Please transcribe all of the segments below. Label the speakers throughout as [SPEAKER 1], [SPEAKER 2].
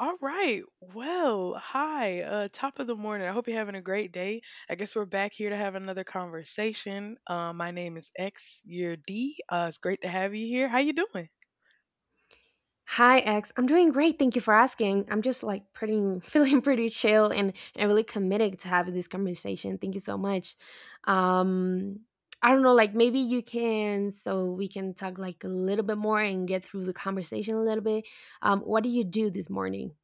[SPEAKER 1] All right. Well, hi. Top of the morning. I hope you're having a great day. I guess we're back here to have another conversation. My name is X. You're D. It's great to have you here. How you doing?
[SPEAKER 2] Hi, X. I'm doing great. Thank you for asking. I'm just like pretty, feeling pretty chill and really committed to having this conversation. Thank you so much. Um, I don't know, like maybe you can, so we can talk like a little bit more and get through the conversation a little bit. What do you do this morning?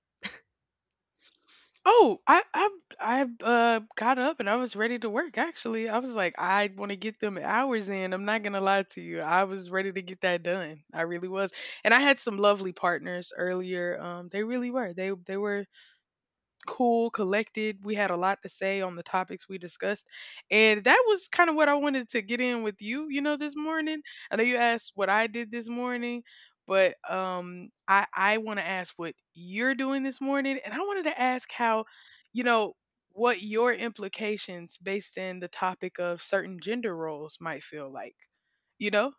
[SPEAKER 1] Oh, I I got up and I was ready to work. Actually, I was like, I want to get them hours in. I'm not gonna lie to you. I was ready to get that done. I really was. And I had some lovely partners earlier. They really were. They were cool, collected. We had a lot to say on the topics we discussed. And that was kind of what I wanted to get in with you, you know, this morning. I know you asked what I did this morning, but I want to ask what you're doing this morning, and I wanted to ask how, you know, what your implications based in the topic of certain gender roles might feel like. You know?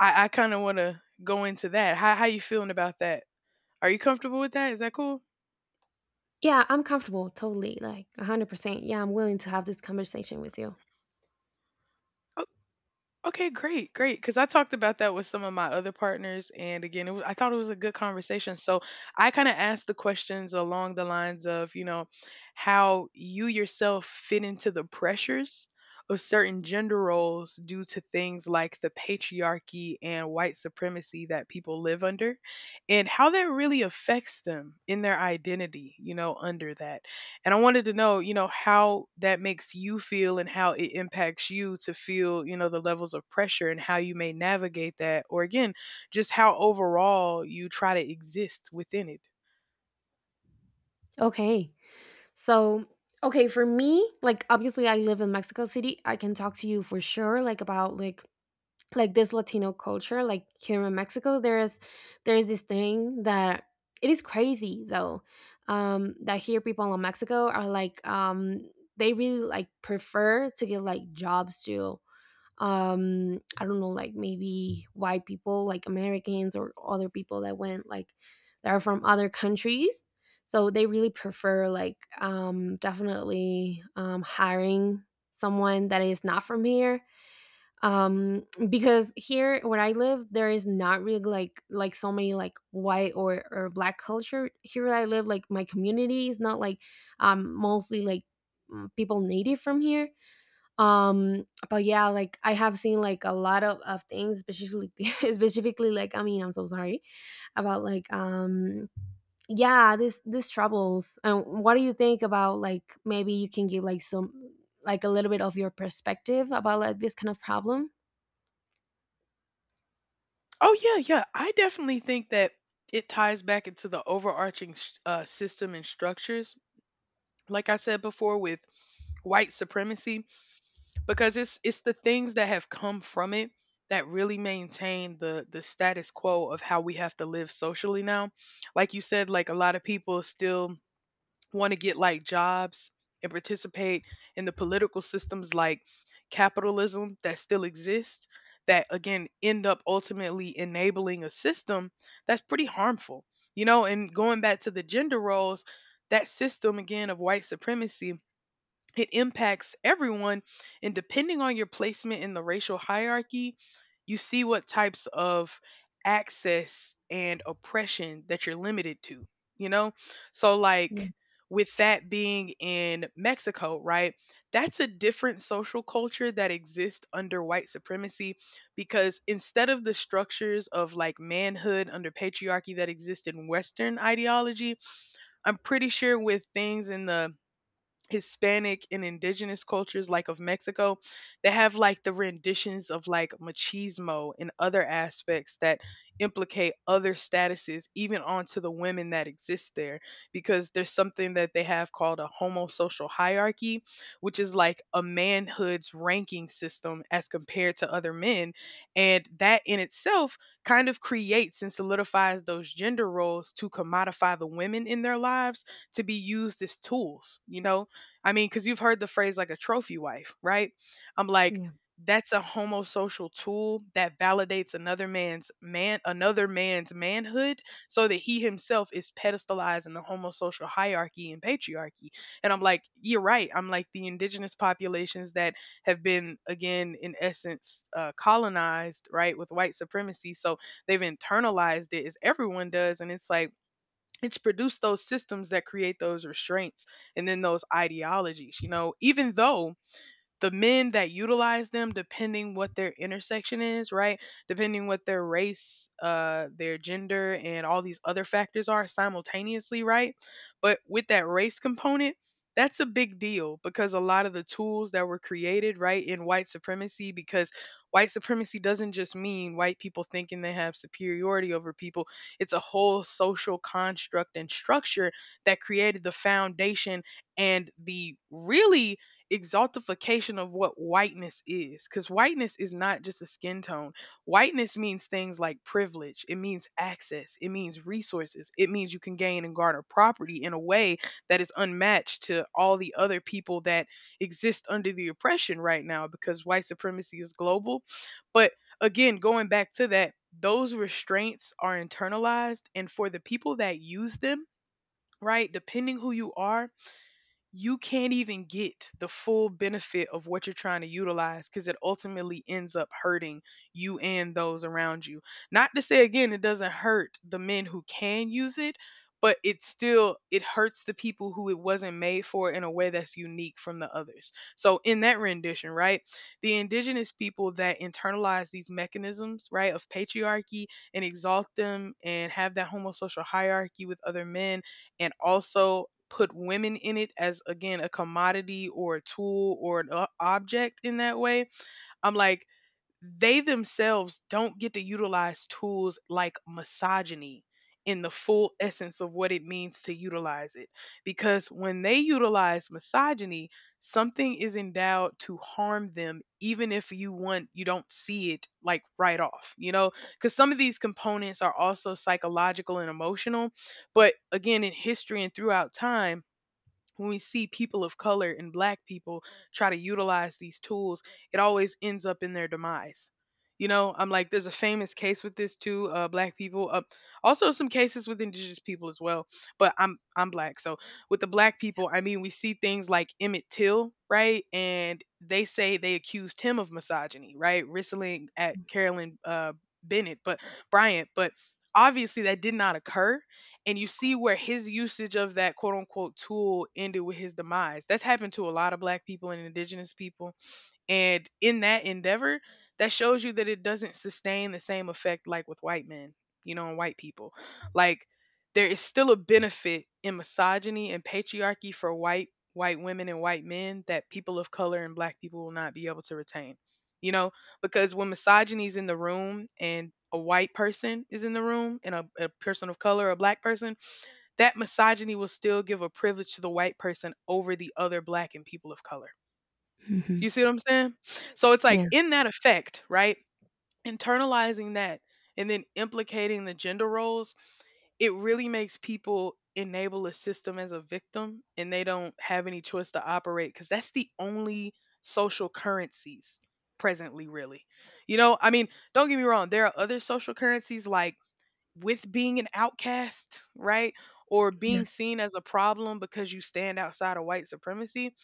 [SPEAKER 1] I kind of want to go into that. How you feeling about that? Are you comfortable with that? Is that cool?
[SPEAKER 2] Yeah, I'm comfortable, totally, like 100%. Yeah, I'm willing to have this conversation with you.
[SPEAKER 1] Okay, great, great. Because I talked about that with some of my other partners, and again, it was, I thought it was a good conversation. So I kind of asked the questions along the lines of, you know, how you yourself fit into the pressures of certain gender roles due to things like the patriarchy and white supremacy that people live under, and how that really affects them in their identity, you know, under that. And I wanted to know, you know, how that makes you feel and how it impacts you to feel, you know, the levels of pressure and how you may navigate that, or again, just how overall you try to exist within it.
[SPEAKER 2] Okay. So, okay, for me, like obviously I live in Mexico City. I can talk to you for sure like about like this Latino culture, like here in Mexico, there is this thing that it is crazy though. That here people in Mexico are like they really like prefer to get like jobs to I don't know, like maybe white people like Americans or other people that went like that are from other countries. So they really prefer like definitely hiring someone that is not from here because here where I live there is not really like so many like white or black culture here where I live. Like my community is not like mostly like people native from here. But yeah, like I have seen like a lot of things specifically, specifically, like I mean, I'm so sorry about like yeah, this troubles. And what do you think about, like maybe you can give like some like a little bit of your perspective about like this kind of problem?
[SPEAKER 1] Oh yeah, yeah. I definitely think that it ties back into the overarching system and structures, like I said before, with white supremacy, because it's the things that have come from it that really maintain the status quo of how we have to live socially now. Like you said, like a lot of people still want to get like jobs and participate in the political systems like capitalism that still exist, that again end up ultimately enabling a system that's pretty harmful, you know. And going back to the gender roles, that system again of white supremacy, it impacts everyone, and depending on your placement in the racial hierarchy, you see what types of access and oppression that you're limited to, you know. So like with that being in Mexico, right, that's a different social culture that exists under white supremacy, because instead of the structures of like manhood under patriarchy that exist in western ideology, I'm pretty sure with things in the Hispanic and indigenous cultures like of Mexico, they have like the renditions of like machismo and other aspects that implicate other statuses even onto the women that exist there, because there's something that they have called a homosocial hierarchy, which is like a manhood's ranking system as compared to other men. And that in itself kind of creates and solidifies those gender roles to commodify the women in their lives, to be used as tools, you know. I mean, because you've heard the phrase like a trophy wife, right? I'm like,
[SPEAKER 2] Yeah.
[SPEAKER 1] that's a homosocial tool that validates another man's man another man's manhood so that he himself is pedestalized in the homosocial hierarchy and patriarchy. And I'm like, you're right. I'm like the indigenous populations that have been again in essence colonized, right, with white supremacy. So they've internalized it as everyone does, and it's like it's produced those systems that create those restraints and then those ideologies, you know, even though the men that utilize them, depending what their intersection is, right, depending what their race, their gender and all these other factors are simultaneously, right. But with that race component, that's a big deal, because a lot of the tools that were created, right, in white supremacy, because white supremacy doesn't just mean white people thinking they have superiority over people, it's a whole social construct and structure that created the foundation and the really exaltification of what whiteness is, because whiteness is not just a skin tone. Whiteness means things like privilege, it means access, it means resources, it means you can gain and garner property in a way that is unmatched to all the other people that exist under the oppression right now, because white supremacy is global. But again, going back to that, those restraints are internalized, and for the people that use them, right, depending who you are, you can't even get the full benefit of what you're trying to utilize, because it ultimately ends up hurting you and those around you. Not to say again, it doesn't hurt the men who can use it, but it still, it hurts the people who it wasn't made for in a way that's unique from the others. So in that rendition, right, the indigenous people that internalize these mechanisms, right, of patriarchy, and exalt them and have that homosocial hierarchy with other men, and also put women in it as again a commodity or a tool or an object in that way, I'm like, they themselves don't get to utilize tools like misogyny in the full essence of what it means to utilize it. Because when they utilize misogyny, something is endowed to harm them, even if you want, you don't see it like right off, you know? Because some of these components are also psychological and emotional. But again, in history and throughout time, when we see people of color and black people try to utilize these tools, it always ends up in their demise. You know, I'm like, there's a famous case with this too, black people. Also, some cases with indigenous people as well. But I'm black, so with the black people, I mean, we see things like Emmett Till, right? And they say they accused him of misogyny, right? Whistling at Carolyn Bennett, but Bryant, but obviously that did not occur, and you see where his usage of that quote unquote tool ended with his demise. That's happened to a lot of black people and indigenous people. And in that endeavor, that shows you that it doesn't sustain the same effect like with white men, you know, and white people. Like there is still a benefit in misogyny and patriarchy for white women and white men that people of color and black people will not be able to retain. You know, because when misogyny is in the room and a white person is in the room and a person of color, a black person, that misogyny will still give a privilege to the white person over the other black and people of color.
[SPEAKER 2] Mhm.
[SPEAKER 1] You see what I'm saying? So it's like
[SPEAKER 2] Yeah.
[SPEAKER 1] in that effect, right? Internalizing that and then implicating the gender roles, it really makes people enable a system as a victim, and they don't have any choice to operate because that's the only social currencies presently, really. You know, I mean, don't get me wrong, there are other social currencies like with being an outcast, right? Or
[SPEAKER 2] Yeah.
[SPEAKER 1] being seen as a problem because you stand outside of white supremacy,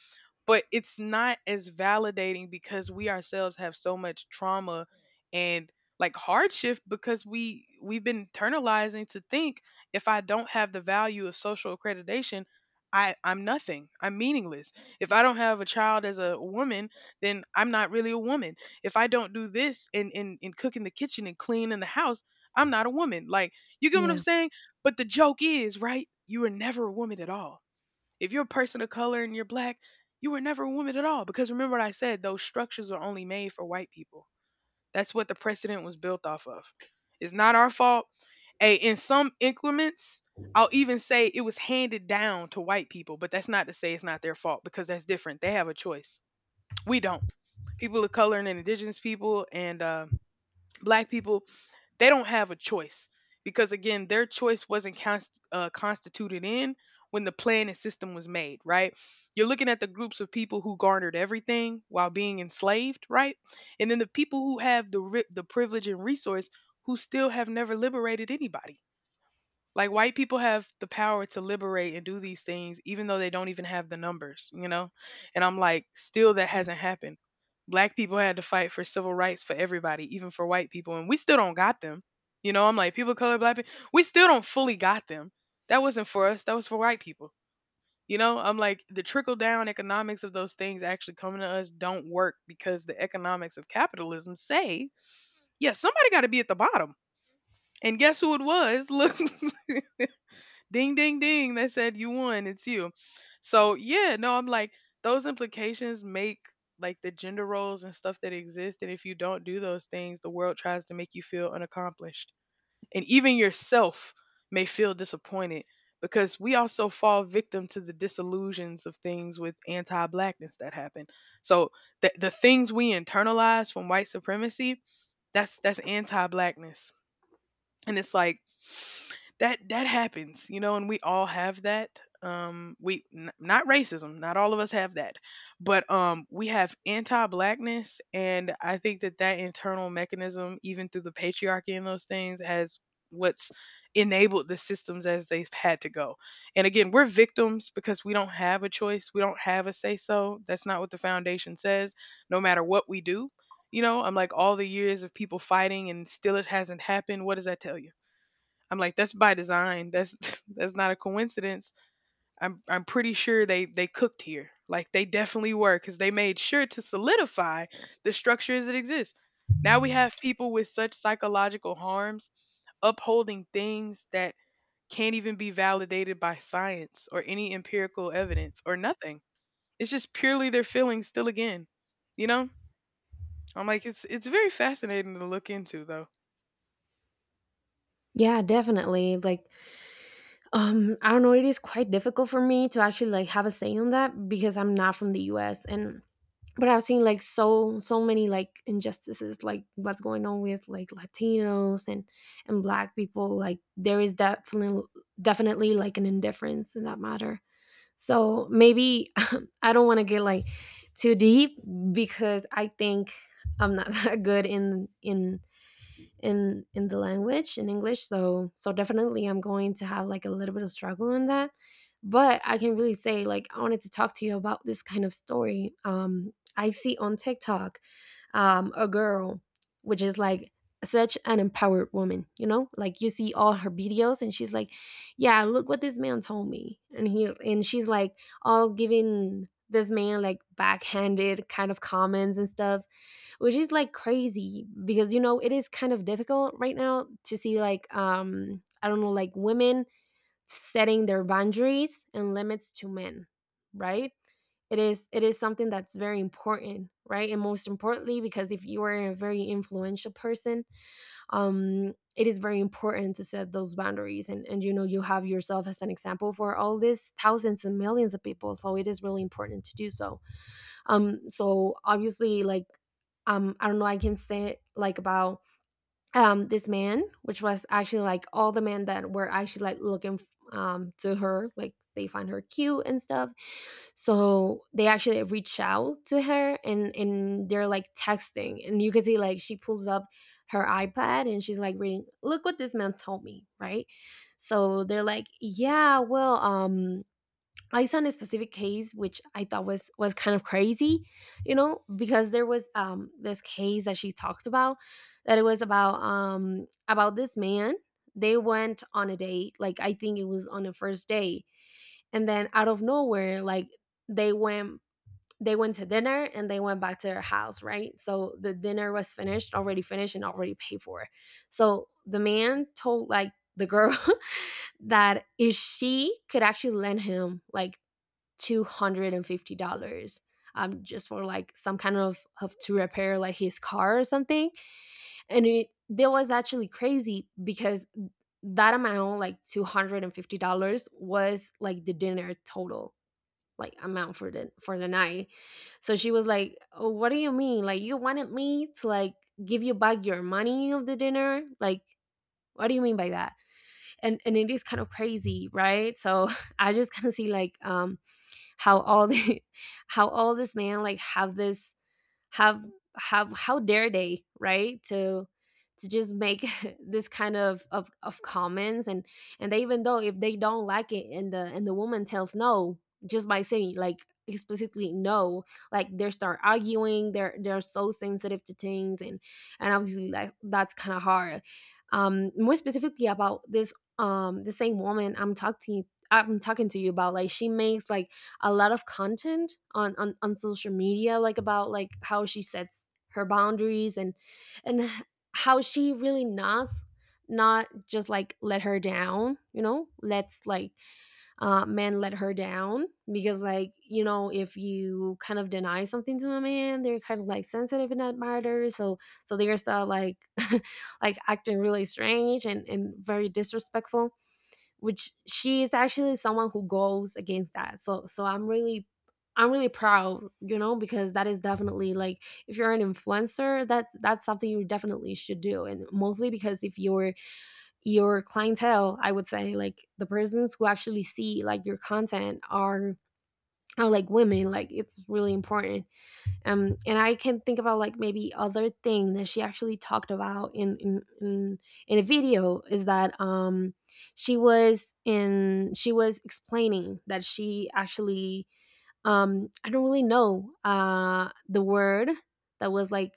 [SPEAKER 1] but it's not as validating because we ourselves have so much trauma and like hardship, because we've been internalizing to think if I don't have the value of social accreditation, I'm nothing. I'm meaningless. If I don't have a child as a woman, then I'm not really a woman. If I don't do this and in cook in the kitchen and clean in the house, I'm not a woman. Like you get what I'm
[SPEAKER 2] Yeah.
[SPEAKER 1] saying? But the joke is, right? You were never a woman at all. If you're a person of color and you're black, you were never a woman at all. Because remember what I said, those structures are only made for white people. That's what the precedent was built off of. It's not our fault. Hey, in some increments, I'll even say it was handed down to white people, but that's not to say it's not their fault, because that's different. They have a choice. We don't. People of color and indigenous people and black people, they don't have a choice, because again their choice wasn't constituted in when the plan and system was made, right? You're looking at the groups of people who garnered everything while being enslaved, right? And then the people who have the the privilege and resource, who still have never liberated anybody. Like white people have the power to liberate and do these things even though they don't even have the numbers, you know? And I'm like, still that
[SPEAKER 2] Yeah.
[SPEAKER 1] hasn't happened. Black people had to fight for civil rights for everybody, even for white people, and we still don't got them. You know, I'm like people of color, black people, we still don't fully got them. That wasn't for us, that was for white people. You know, I'm like the trickle down economics of those things actually coming to us don't work because the economics of capitalism say, yeah, somebody got to be at the bottom. And guess who it was? Look, ding ding ding, they said you won, it's you. So yeah, no, I'm like those implications make like the gender roles and stuff that exist, and if you don't do those things the world tries to make you feel unaccomplished, and even yourself may feel disappointed because we also fall victim to the disillusions of things with anti-blackness that happen. So the things we internalize from white supremacy, that's anti-blackness. And it's like that that happens, you know, and we all have that. Not racism, not all of us have that, but we have anti-blackness, and I think that that internal mechanism, even through the patriarchy and those things, has what's enabled the systems as they've had to go. And again, we're victims because we don't have a choice, we don't have a say, so that's not what the foundation says no matter what we do. You know, I'm like all the years of people fighting and still it hasn't happened. What does that tell you? I'm like, that's by design. That's that's not a coincidence. I'm pretty sure they cooked here. Like they definitely were, cuz they made sure to solidify the structure as it exists. Now we have people with such psychological harms upholding things that can't even be validated by science or any empirical evidence or nothing. It's just purely their feelings still again. You know? I'm like it's very fascinating to look into though.
[SPEAKER 2] Yeah, definitely. Like, I don't know, it is quite difficult for me to actually like have a say on that because I'm not from the US, and but I've seen like so many like injustices, like what's going on with like Latinos and black people. Like there is definitely definitely like an indifference in that matter. So maybe, I don't want to get like too deep, because I think I'm not that good in the language in English. So so definitely I'm going to have like a little bit of struggle in that, but I can really say like I wanted to talk to you about this kind of story I see on TikTok. A girl, which is like such an empowered woman, you know? Like you see all her videos and she's like, "Yeah, look what this man told me." And he and she's like all giving this man like backhanded kind of comments and stuff, which is like crazy because, you know, it is kind of difficult right now to see like I don't know, like women setting their boundaries and limits to men, right? It is it is something that's very important, right? And most importantly because if you are a very influential person, it is very important to set those boundaries. And, you know, you have yourself as an example for all these thousands and millions of people, so it is really important to do so. So obviously like I don't know, I can say like about this man, which was actually like all the men that were actually like looking to her. Like they find her cute and stuff, so they actually reach out to her, and they're like texting, and you can see like she pulls up her iPad and she's like reading, "Look what this man told me," right? So they're like, yeah, well, I saw a specific case which I thought was kind of crazy, you know, because there was this case that she talked about, that it was about this man. They went on a date, like I think it was on the first day, and then out of nowhere, like they went they went to dinner, and they went back to their house, right? So the dinner was finished, already finished and already paid for. So the man told like the girl that if she could actually lend him like $250, just for like some kind of to repair like his car or something. And it, that was actually crazy, because that amount, like $250, was like the dinner total like amount for the night. So she was like, oh, "What do you mean? Like you wanted me to like give you back your money of the dinner? Like what do you mean by that?" And it is kind of crazy, right? So I just kind of see like how all the how all this man like have this have have how dare they, right, to just make this kind of comments. And they, even though if they don't like it, and the woman tells no, just by saying like explicitly no, like they start arguing. They're so sensitive to things. And obviously like that's kind of hard. More specifically about this, the same woman I'm talking to you about, like she makes like a lot of content on social media, like about like how she sets her boundaries. And how she really knows not just like let her down, you know, let's like men let her down, because, like, you know, if you kind of deny something to a man, they're kind of like sensitive in that matter. So so they're still like like acting really strange and very disrespectful, which she is actually someone who goes against that. So so I'm really proud, you know, because that is definitely like if you're an influencer, that's something you definitely should do, and mostly because if your your clientele, I would say, like the persons who actually see like your content are like women. Like it's really important. And I can think about like maybe other thing that she actually talked about in a video, is that she was in she was explaining that she actually I don't really know the word that was like,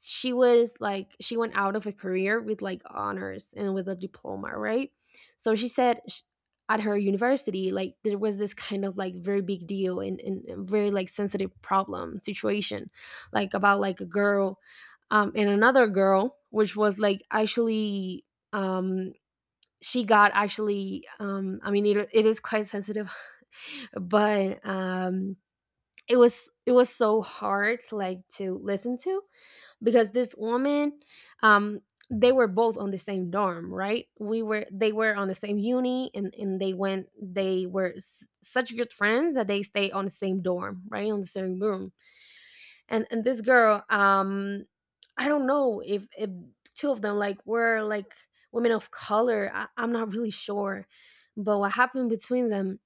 [SPEAKER 2] she was like, she went out of a career with like honors and with a diploma, right? So she said sh at her university, like there was this kind of like very big deal, and very like sensitive problem situation like about like a girl and another girl, which was like actually um she got actually I mean, it is quite sensitive, but it was so hard like to listen to, because this woman, um they were both on the same dorm, right? We were they were on the same uni, and they went, they were s- such good friends that they stayed on the same dorm, right, on the same room. And this girl, I don't know if two of them like were like women of color. I, I'm not really sure, but what happened between them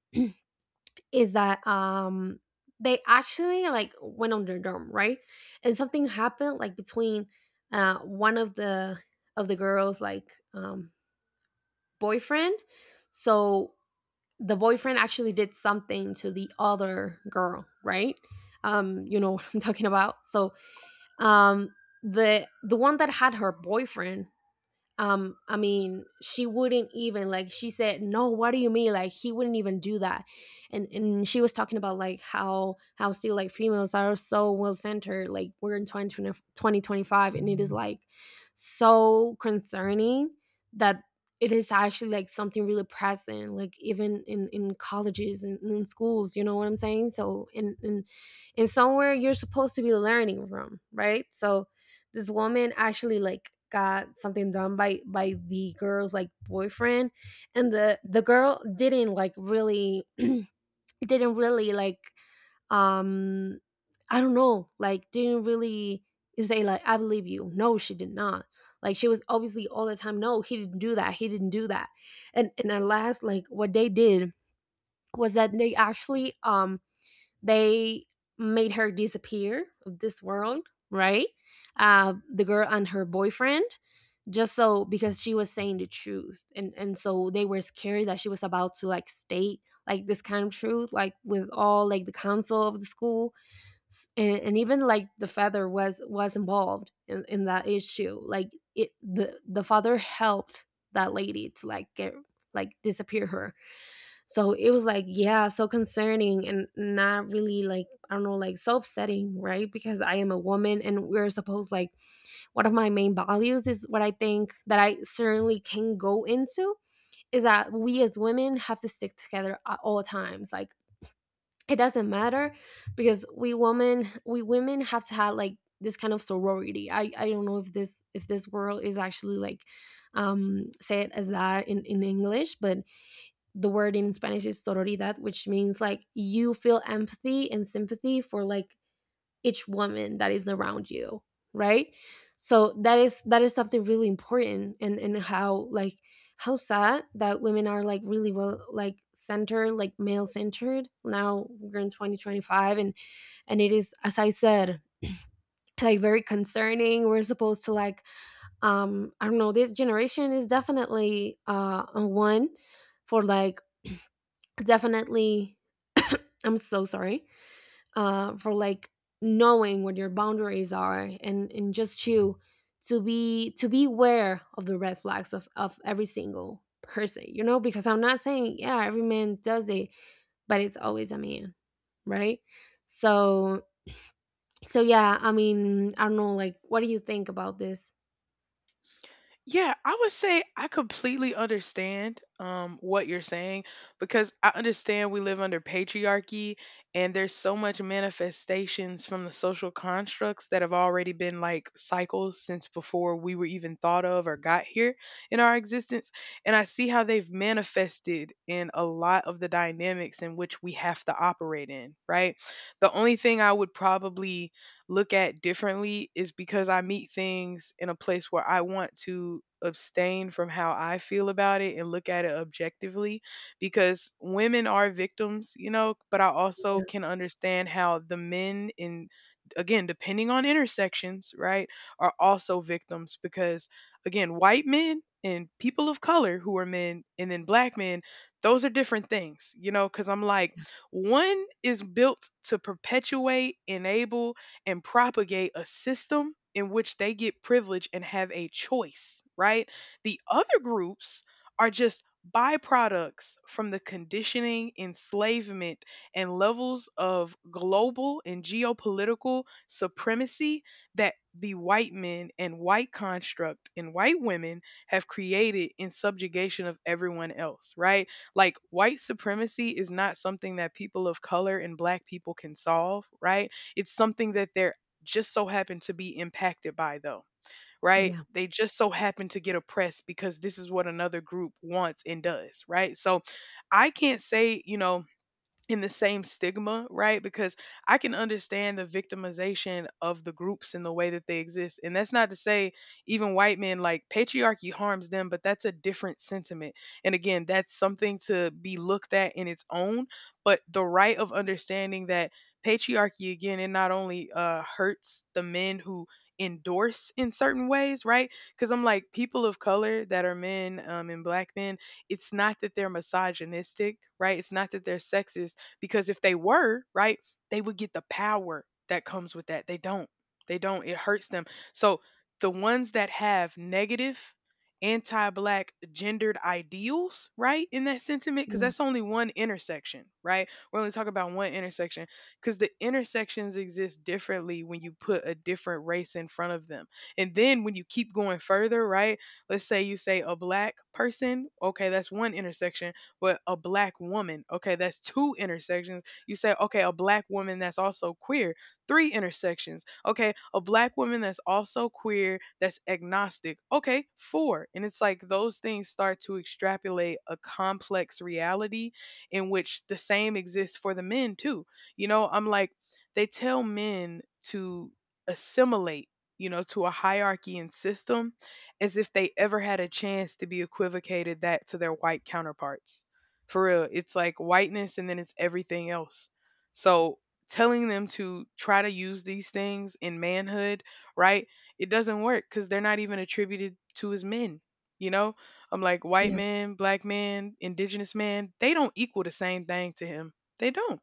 [SPEAKER 2] is that they actually like went on their dorm, right? And something happened like between one of the girls like um boyfriend. So the boyfriend actually did something to the other girl, right? You know, what I'm talking about. So um the one that had her boyfriend, I mean, she wouldn't even, like she said no, what do you mean, like he wouldn't even do that. And she was talking about like how still like females are so well centered, like we're in 2020, and it is like so concerning that it is actually like something really present, like even in colleges and in schools, you know what I'm saying? So in somewhere you're supposed to be learning from, right? So this woman actually like got something done by the girl's like boyfriend, and the girl didn't like really didn't really like um I don't know, like didn't really say like, "I believe you." No, she did not. Like, she was obviously all the time no, he didn't do that, he didn't do that. And at last, like what they did was that they actually they made her disappear of this world, right? The girl and her boyfriend, just so because she was saying the truth, and so they were scared that she was about to like state like this kind of truth, like with all like the council of the school. S- and even like the father was involved in that issue. Like it, the father helped that lady to like get like disappear her. So it was like, yeah, so concerning and not really like, I don't know, like so upsetting, right? Because I am a woman and we're supposed like one of my main values is what I think that I certainly can go into is that we as women have to stick together at all times. Like it doesn't matter because we women have to have like this kind of sorority. I don't know if this world is actually like say it as that in English, but the word in Spanish is sororidad, which means like you feel empathy and sympathy for like each woman that is around you, right? So that is something really important, and how like how sad that women are like really well like centered, like male centered. Now we're in 2025, and it is, as I said, like very concerning. We're supposed to like I don't know, this generation is definitely one for like definitely, I'm so sorry, for like knowing what your boundaries are, and just you to be aware of the red flags of every single person, you know, because I'm not saying, yeah, every man does it, but it's always a man, right? So so, yeah, I mean, I don't know, like what do you think about this?
[SPEAKER 1] Yeah, I would say I completely understand what you're saying, because I understand we live under patriarchy, and there's so much manifestations from the social constructs that have already been like cycles since before we were even thought of or got here in our existence. And I see how they've manifested in a lot of the dynamics in which we have to operate in, right? The only thing I would probably look at differently is because I meet things in a place where I want to abstain from how I feel about it and look at it objectively, because women are victims, you know, but I also can understand how the men in, again depending on intersections, right, are also victims because again, white men and people of color who are men and then black men, those are different things, you know, cuz I'm like one is built to perpetuate, enable and propagate a system in which they get privilege and have a choice, right? The other groups are just byproducts from the conditioning, enslavement, and levels of global and geopolitical supremacy that the white men and white construct and white women have created in subjugation of everyone else, right? Like white supremacy is not something that people of color and black people can solve, right? It's something that they're just so happen to be impacted by though, right?
[SPEAKER 2] Yeah,
[SPEAKER 1] They just so happen to get oppressed because this is what another group wants and does, right? So I can't say, you know, in the same stigma, right? Because I can understand the victimization of the groups and the way that they exist. And that's not to say even white men like patriarchy harms them, but that's a different sentiment. And again, that's something to be looked at in its own, but the right of understanding that patriarchy again, it not only hurts the men who endorse in certain ways, right? Cuz I'm like people of color that are men and black men, it's not that they're misogynistic, right? It's not that they're sexist. Because if they were, right, they would get the power that comes with that. They don't. They don't. It hurts them. So the ones that have negative anti-black gendered ideals, right, in that sentiment, because
[SPEAKER 2] yeah,
[SPEAKER 1] that's only one intersection, right, we're only talking about one intersection, because the intersections exist differently when you put a different race in front of them. And then when you keep going further, right, let's say you say a black person, okay, that's one intersection. With a black woman. Okay, that's two intersections. You say, okay, a black woman that's also queer, three intersections. Okay, a black woman that's also queer, that's agnostic. Okay, four. And it's like those things start to extrapolate a complex reality in which the same exists for the men too. You know, I'm like, they tell men to assimilate, you know, to a hierarchy and system as if they ever had a chance to be equivocated that to their white counterparts. For real, it's like whiteness and then it's everything else. So telling them to try to use these things in manhood, right? It doesn't work because they're not even attributed to as men. You know, I'm like white
[SPEAKER 2] yeah,
[SPEAKER 1] man, black man, indigenous man, they don't equal the same thing to him. They don't.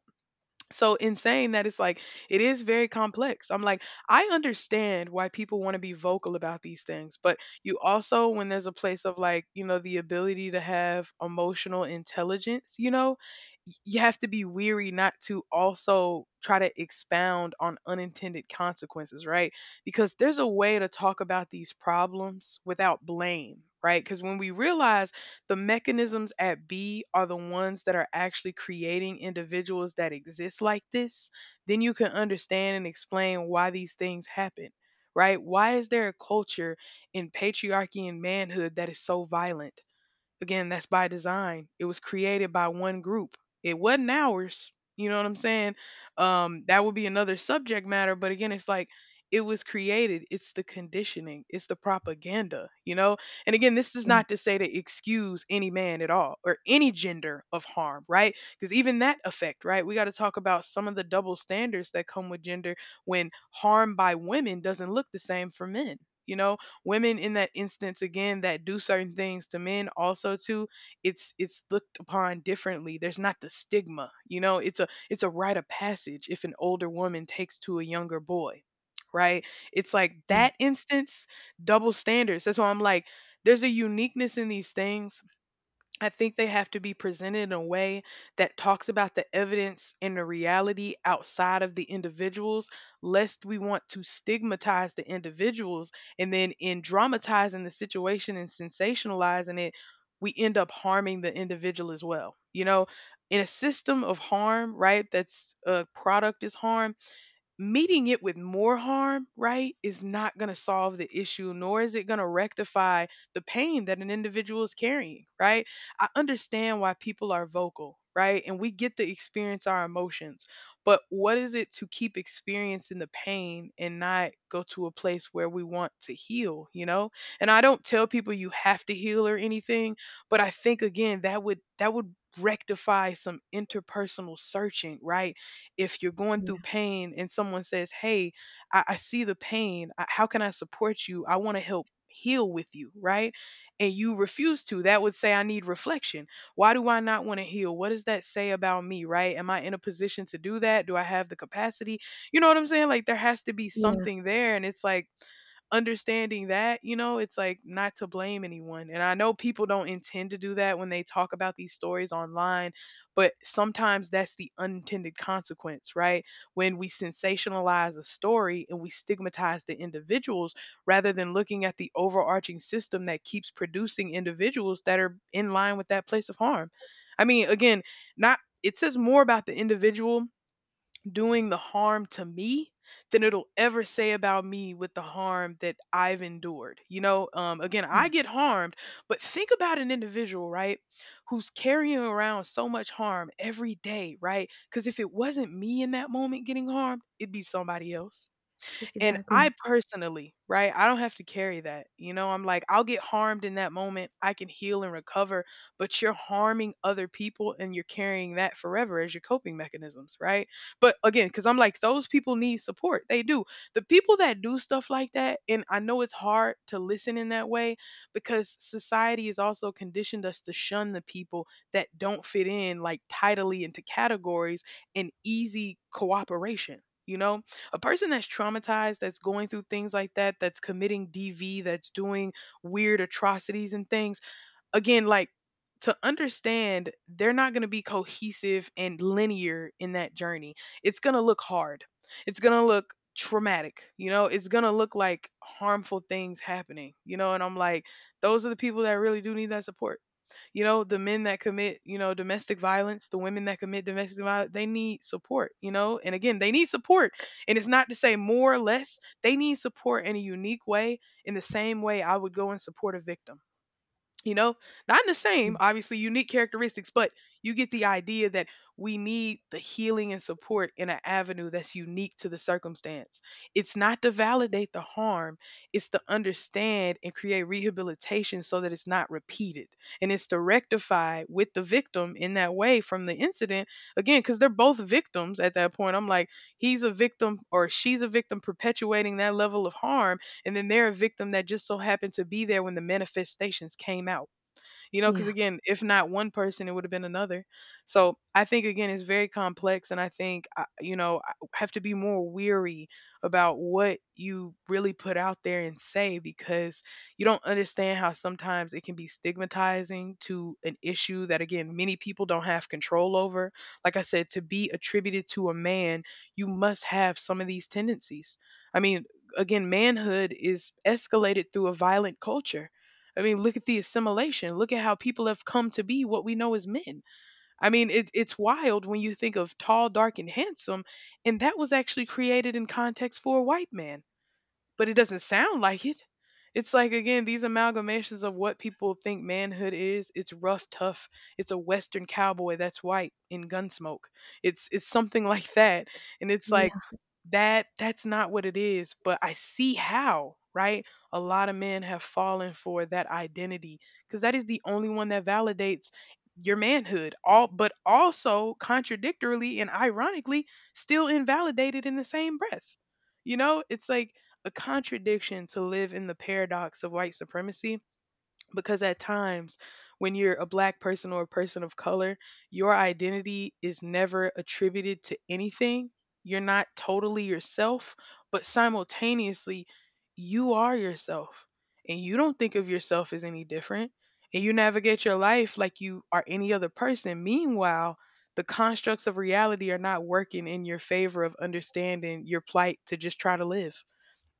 [SPEAKER 1] So in saying that, it's like it is very complex. I'm like, I understand why people want to be vocal about these things, but you also, when there's a place of like, you know, the ability to have emotional intelligence, you know, you have to be weary not to also try to expound on unintended consequences, right? Because there's a way to talk about these problems without blame, right? Because when we realize the mechanisms at B are the ones that are actually creating individuals that exist like this, then you can understand and explain why these things happen, right? Why is there a culture in patriarchy and manhood that is so violent? Again, that's by design. It was created by one group. It wasn't ours. You know what I'm saying? That would be another subject matter. But again, it's like it was created. It's the conditioning. It's the propaganda. You know. And again, this is
[SPEAKER 2] yeah,
[SPEAKER 1] not to say to excuse any man at all or any gender of harm, right? Because even that effect, right? We got to talk about some of the double standards that come with gender when harm by women doesn't look the same for men. You know, women in that instance again that do certain things to men also too, it's looked upon differently. There's not the stigma, you know, it's a, it's a rite of passage if an older woman takes to a younger boy, right? It's like that instance, double standards. That's why I'm like there's a uniqueness in these things. I think they have to be presented in a way that talks about the evidence and the reality outside of the individuals, lest we want to stigmatize the individuals. And then, in dramatizing the situation and sensationalizing it, we end up harming the individual as well. You know, in a system of harm, right? That's a product is harm, meeting it with more harm, right, is not going to solve the issue, nor is it going to rectify the pain that an individual is carrying, right? I understand why people are vocal, right? And we get to experience our emotions, but what is it to keep experiencing the pain and not go to a place where we want to heal, you know? And I don't tell people you have to heal or anything, but I think again that would rectify some interpersonal searching, right? If you're going through
[SPEAKER 2] yeah,
[SPEAKER 1] pain and someone says, Hey, I see the pain. I, how can I support you? I want to help heal with you, right? And you refuse to, that would say, I need reflection. Why do I not want to heal? What does that say about me, right? Am I in a position to do that? Do I have the capacity? You know what I'm saying? Like, there has to be
[SPEAKER 2] yeah,
[SPEAKER 1] something there. And it's like, understanding that, you know, it's like not to blame anyone. And I know people don't intend to do that when they talk about these stories online, but sometimes that's the unintended consequence, right? When we sensationalize a story and we stigmatize the individuals rather than looking at the overarching system that keeps producing individuals that are in line with that place of harm. I mean, again, not, it says more about the individual doing the harm to me than it'll ever say about me with the harm that I've endured. You know, again, I
[SPEAKER 2] yeah.
[SPEAKER 1] get harmed, but think about an individual, right, who's carrying around so much harm every day, right? Because if it wasn't me in that moment getting harmed, it'd be somebody else. And I
[SPEAKER 2] Exactly.
[SPEAKER 1] personally, right, I don't have to carry that. You know, I'm like, I'll get harmed in that moment. I can heal and recover, but you're harming other people and you're carrying that forever as your coping mechanisms, right? But again, because I'm like, those people need support. They do. The people that do stuff like that, and I know it's hard to listen in that way because society has also conditioned us to shun the people that don't fit in like tidily into categories and easy cooperation, you know? A person that's traumatized, that's going through things like that, that's committing DV, that's doing weird atrocities and things, again, like, to understand, they're not going to be cohesive and linear in that journey. It's going to look hard. It's going to look traumatic. You know, it's going to look like harmful things happening, you know, and I'm like, those are the people that really do need that support. You know, the men that commit, you know, domestic violence, the women that commit domestic violence, they need support, you know, and again, they need support. And it's not to say more or less, they need support in a unique way, in the same way I would go and support a victim, you know, not in the same
[SPEAKER 2] Mm.
[SPEAKER 1] obviously unique characteristics, but you get the idea that we need the healing and support in an avenue that's unique to the circumstance. It's not to validate the harm, it's to understand and create rehabilitation so that it's not repeated, and it's to rectify with the victim in that way from the incident. Again, because they're both victims at that point, I'm like, he's a victim or she's a victim perpetuating that level of harm, and then they're a victim that just so happened to be there when the manifestations came out. You know, because
[SPEAKER 2] Yeah,
[SPEAKER 1] again, if not one person, it would have been another. So I think again it's very complex, and I think you know, I have to be more weary about what you really put out there and say, because you don't understand how sometimes it can be stigmatizing to an issue that, again, many people don't have control over. Like I said, to be attributed to a man, you must have some of these tendencies. I mean, again, manhood is escalated through a violent culture. I mean, look at the assimilation. Look at how people have come to be what we know as men. I mean, it's wild when you think of tall, dark, and handsome, and that was actually created in context for a white man, but it doesn't sound like it. It's like, again, these amalgamations of what people think manhood is. It's rough, tough. It's a Western cowboy that's white in Gunsmoke. It's something like that, and it's
[SPEAKER 2] yeah.
[SPEAKER 1] like that. That's not what it is. But I see how, right, a lot of men have fallen for that identity because that is the only one that validates your manhood. All but also contradictorily and ironically still invalidated in the same breath. You know, it's like a contradiction to live in the paradox of white supremacy, because at times when you're a black person or a person of color, your identity is never attributed to anything. You're not totally yourself, but simultaneously, you are yourself, and you don't think of yourself as any different, and you navigate your life like you are any other person. Meanwhile, the constructs of reality are not working in your favor of understanding your plight to just try to live.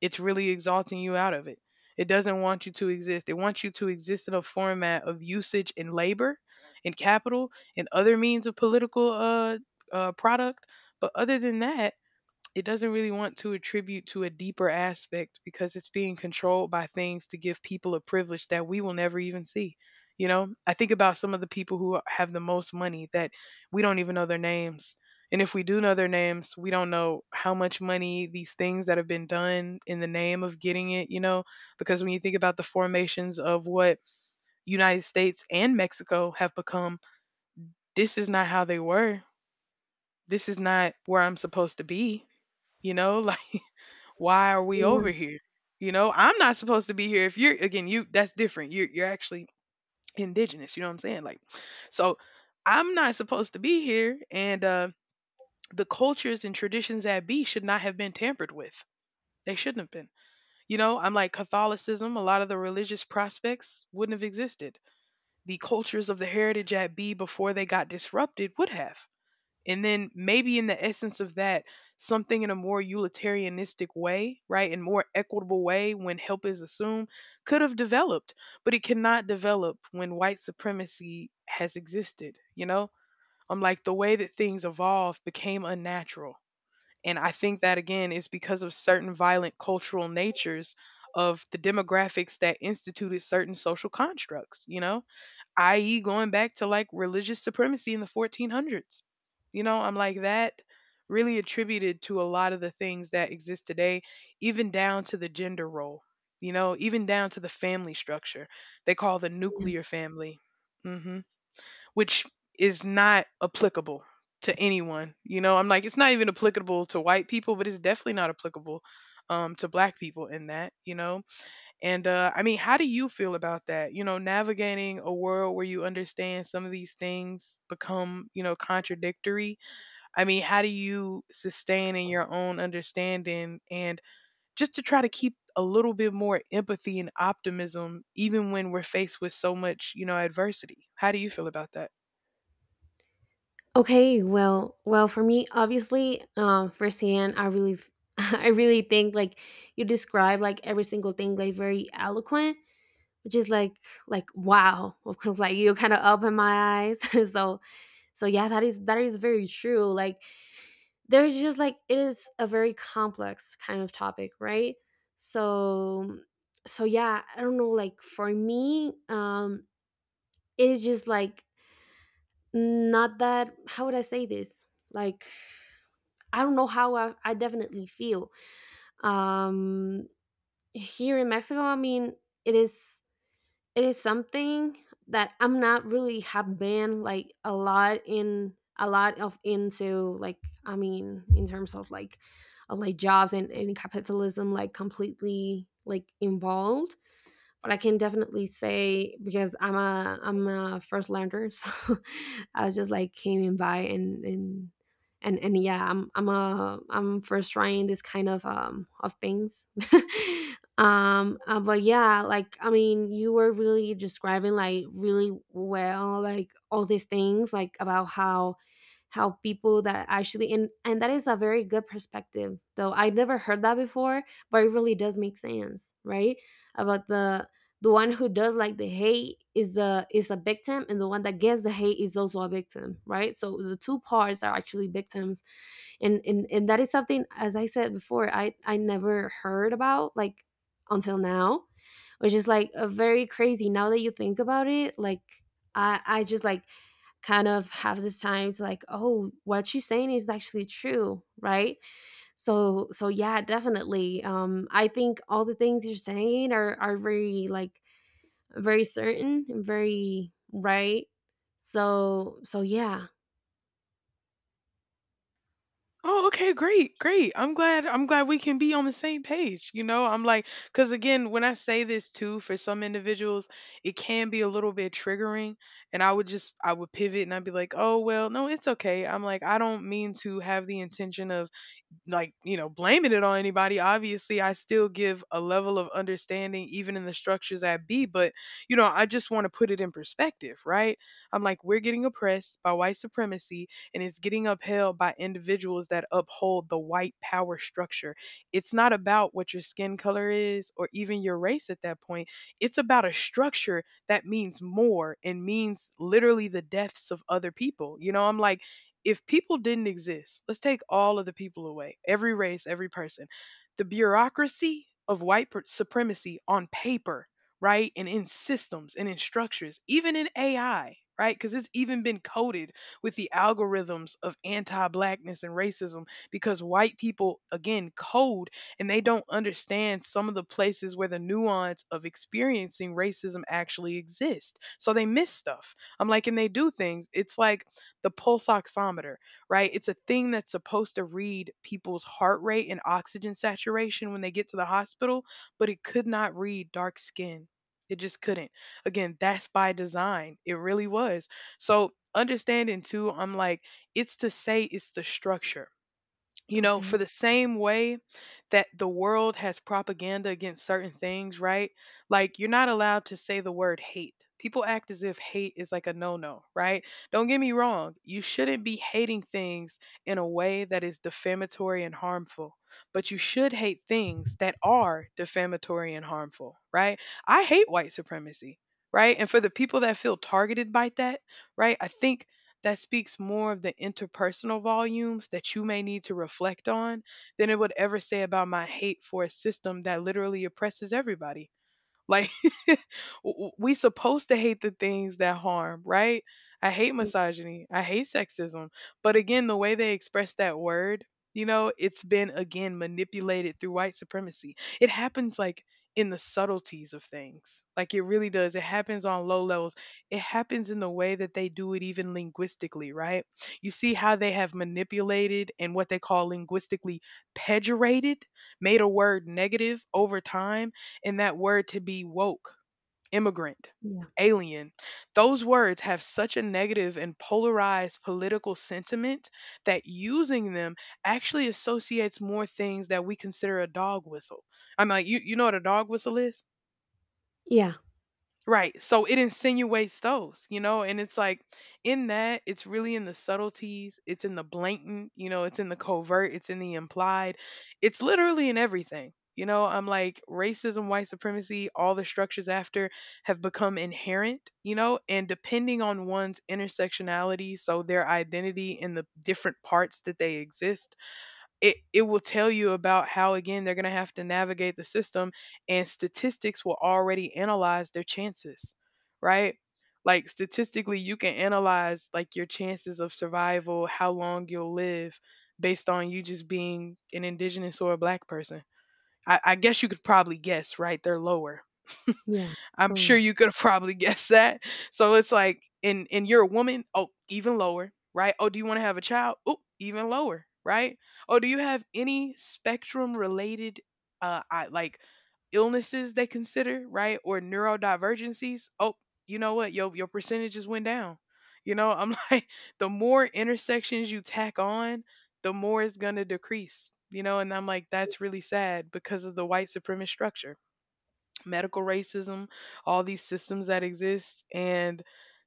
[SPEAKER 1] It's really exalting you out of it. It doesn't want you to exist. It wants you to exist in a format of usage and labor and capital and other means of political product. But other than that, it doesn't really want to attribute to a deeper aspect because it's being controlled by things to give people a privilege that we will never even see. You know, I think about some of the people who have the most money that we don't even know their names. And if we do know their names, we don't know how much money these things that have been done in the name of getting it, you know, because when you think about the formations of what United States and Mexico have become, this is not how they were. This is not where I'm supposed to be, you know? Why are we
[SPEAKER 2] Yeah,
[SPEAKER 1] over here, you know? I'm not supposed to be here. If you're, again, you, that's different, you're actually indigenous, you know what I'm saying? Like, so I'm not supposed to be here, and the cultures and traditions at B should not have been tampered with. They shouldn't have been. You know, I'm like, Catholicism, a lot of the religious prospects wouldn't have existed. The cultures of the heritage at B before they got disrupted would have, and then maybe in the essence of that, something in a more utilitarianistic way, right, and more equitable way when help is assumed, could have developed, but it cannot develop when white supremacy has existed, you know? I'm like, the way that things evolved became unnatural. And I think that, again, is because of certain violent cultural natures of the demographics that instituted certain social constructs, you know? i.e., going back to like religious supremacy in the 1400s. You know, I'm like that really attributed to a lot of the things that exist today, even down to the gender role, you know, even down to the family structure they call the
[SPEAKER 2] yeah.
[SPEAKER 1] nuclear family, hmm, which is not applicable to anyone. You know, I'm like, it's not even applicable to white people, but it's definitely not applicable to black people in that, you know. And I mean, how do you feel about that? You know, navigating a world where you understand some of these things become, you know, contradictory. I mean, how do you sustain in your own understanding and just to try to keep a little bit more empathy and optimism, even when we're faced with so much, you know, adversity? How do you feel about that?
[SPEAKER 2] Okay, well, well, for me, obviously, firsthand, I really, f- I really think like you describe like every single thing like very eloquent, which is like wow, of course, like you kind of open my eyes. So, so yeah, that is very true. Like there's just like it is a very complex kind of topic, right? So, so yeah, I don't know. Like for me, it is just like not that. How would I say this? Like I don't know how I definitely feel. Um, here in Mexico, I mean, it is it is something that I'm not really have been like a lot in a lot of into like, I mean, in terms of like jobs, and capitalism like completely like involved. But I can definitely say, because I'm a first learner, so I was just like came in by, and and yeah, I'm first trying this kind of things. But yeah, like, I mean, you were really describing like really well like all these things like about how people that actually, and that is a very good perspective, though I never heard that before, but it really does make sense, right? About the one who does like the hate is the is a victim, and the one that gets the hate is also a victim, right? So the two parts are actually victims. And and that is something, as I said before, I never heard about like until now, which is like a very crazy. Now that you think about it, like I just like kind of have this time to like, oh, what she's saying is actually true, right? So so yeah, definitely. I think all the things you're saying are very like very certain and very right. So so yeah,
[SPEAKER 1] Oh, okay, great, great. I'm glad we can be on the same page. You know, I'm like, cuz again, when I say this too for some individuals, it can be a little bit triggering, and I would pivot and I'd be like, "Oh, well, no, it's okay." I'm like, "I don't mean to have the intention of like, you know, blaming it on anybody. Obviously, I still give a level of understanding even in the structures at B, but, you know, I just want to put it in perspective, right? I'm like, we're getting oppressed by white supremacy, and it's getting upheld by individuals that uphold the white power structure. It's not about what your skin color is or even your race at that point. It's about a structure that means more and means literally the deaths of other people. You know, I'm like, if people didn't exist, let's take all of the people away, every race, every person, the bureaucracy of supremacy on paper, right? And in systems and in structures, even in AI, right? Because it's even been coded with the algorithms of anti blackness and racism because white people, again, code, and they don't understand some of the places where the nuance of experiencing racism actually exists. So they miss stuff. I'm like, and they do things. It's like, the pulse oximeter, right? It's a thing that's supposed to read people's heart rate and oxygen saturation when they get to the hospital, but it could not read dark skin. It just couldn't. Again, that's by design. It really was. So, understanding too, I'm like, it's to say it's the structure, you know, for
[SPEAKER 2] okay,
[SPEAKER 1] the same way that the world has propaganda against certain things, right? Like, you're not allowed to say the word hate. People act as if hate is like a no no, right? Don't get me wrong. You shouldn't be hating things in a way that is defamatory and harmful, but you should hate things that are defamatory and harmful, right? I hate white supremacy, right? And for the people that feel targeted by that, right? I think that speaks more of the interpersonal volumes that you may need to reflect on than it would ever say about my hate for a system that literally oppresses everybody. Like, we supposed to hate the things that harm, right? I hate misogyny. I hate sexism. But again, the way they express that word, you know, it's been again manipulated through white supremacy. It happens like in the subtleties of things. Like it really does. It happens on low levels. It happens in the way that they do it even linguistically, right? You see how they have manipulated and what they call linguistically pejorated, made a word negative over time and that word to be woke, immigrant,
[SPEAKER 2] yeah,
[SPEAKER 1] alien. Those words have such a negative and polarized political sentiment that using them actually associates more things that we consider a dog whistle. I'm like, you know what a dog whistle is?
[SPEAKER 2] yeah,
[SPEAKER 1] Right. So it insinuates those, you know, and it's like in that, it's really in the subtleties, it's in the blatant, you know, it's in the covert, it's in the implied, it's literally in everything. You know, I'm like racism, white supremacy, all the structures after have become inherent, you know, and depending on one's intersectionality, so their identity and the different parts that they exist, it will tell you about how again they're going to have to navigate the system and statistics will already analyze their chances, right? Like statistically you can analyze like your chances of survival, how long you'll live based on you just being an indigenous or a black person. I guess you could probably guess, right? They're lower.
[SPEAKER 2] yeah,
[SPEAKER 1] I'm sure
[SPEAKER 2] totally,
[SPEAKER 1] you could have probably guessed that. So it's like, and you're a woman, oh, even lower, right? Oh, do you want to have a child? Oh, even lower, right? Oh, do you have any spectrum related, like illnesses they consider, right? Or neurodivergencies? Oh, you know what? Your percentages went down. You know, I'm like, the more intersections you tack on, the more it's gonna decrease. You know, and I'm like, that's really sad because of the white supremacist structure, medical racism, all these systems that exist. And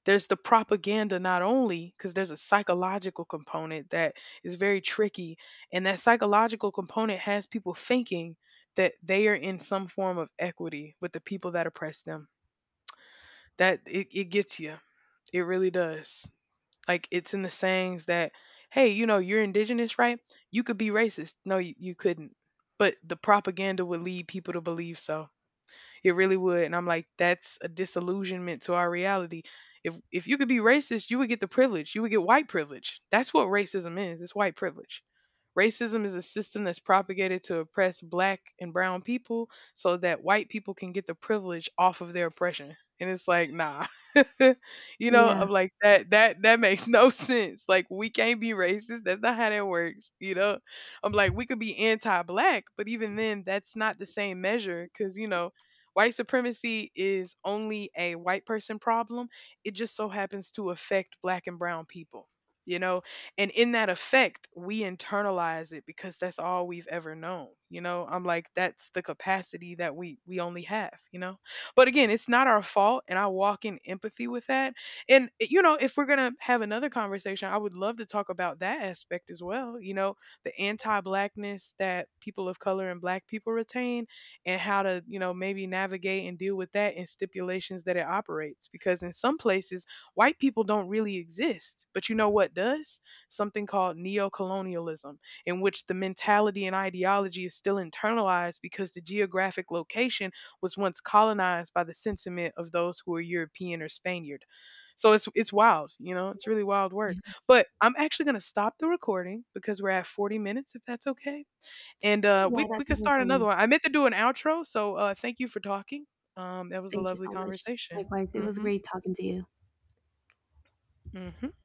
[SPEAKER 1] there's the propaganda, not only because there's a psychological component that is very tricky. And that psychological component has people thinking that they are in some form of equity with the people that oppress them. It gets you. It really does. Like it's in the sayings that, hey, you know, you're indigenous, right? You could be racist. No, you couldn't. But the propaganda would lead people to believe so. It really would. And I'm like, that's a disillusionment to our reality. If you could be racist, you would get the privilege. You would get white privilege. That's what racism is. It's white privilege. Racism is a system that's propagated to oppress black and brown people so that white people can get the privilege off of their oppression. And it's like, nah. You know,
[SPEAKER 2] yeah,
[SPEAKER 1] I'm like that makes no sense. Like we can't be racist. That's not how that works, you know. I'm like we could be anti-black, but even then that's not the same measure cuz you know, white supremacy is only a white person problem. It just so happens to affect black and brown people, you know? And in that effect, we internalize it because that's all we've ever known, you know? I'm like, that's the capacity that we only have, you know? But again, it's not our fault. And I walk in empathy with that. And, you know, if we're going to have another conversation, I would love to talk about that aspect as well, you know? The anti-blackness that people of color and black people retain and how to, you know, maybe navigate and deal with that in stipulations that it operates. Because in some places, white people don't really exist. But you know what does? Something called neocolonialism, in which the mentality and ideology is still internalized because the geographic location was once colonized by the sentiment of those who are European or Spaniard. So it's wild, you know, it's really wild work.
[SPEAKER 2] yeah,
[SPEAKER 1] But I'm actually gonna stop the recording because we're at 40 minutes, if that's okay. And
[SPEAKER 2] yeah.
[SPEAKER 1] we
[SPEAKER 2] That's
[SPEAKER 1] could
[SPEAKER 2] it
[SPEAKER 1] start
[SPEAKER 2] for
[SPEAKER 1] another
[SPEAKER 2] me.
[SPEAKER 1] one. I meant to do an outro, so thank you for talking. That was a
[SPEAKER 2] Thank you
[SPEAKER 1] lovely
[SPEAKER 2] so much.
[SPEAKER 1] conversation.
[SPEAKER 2] Likewise, it was
[SPEAKER 1] Hmm.
[SPEAKER 2] great talking to you.
[SPEAKER 1] Hmm.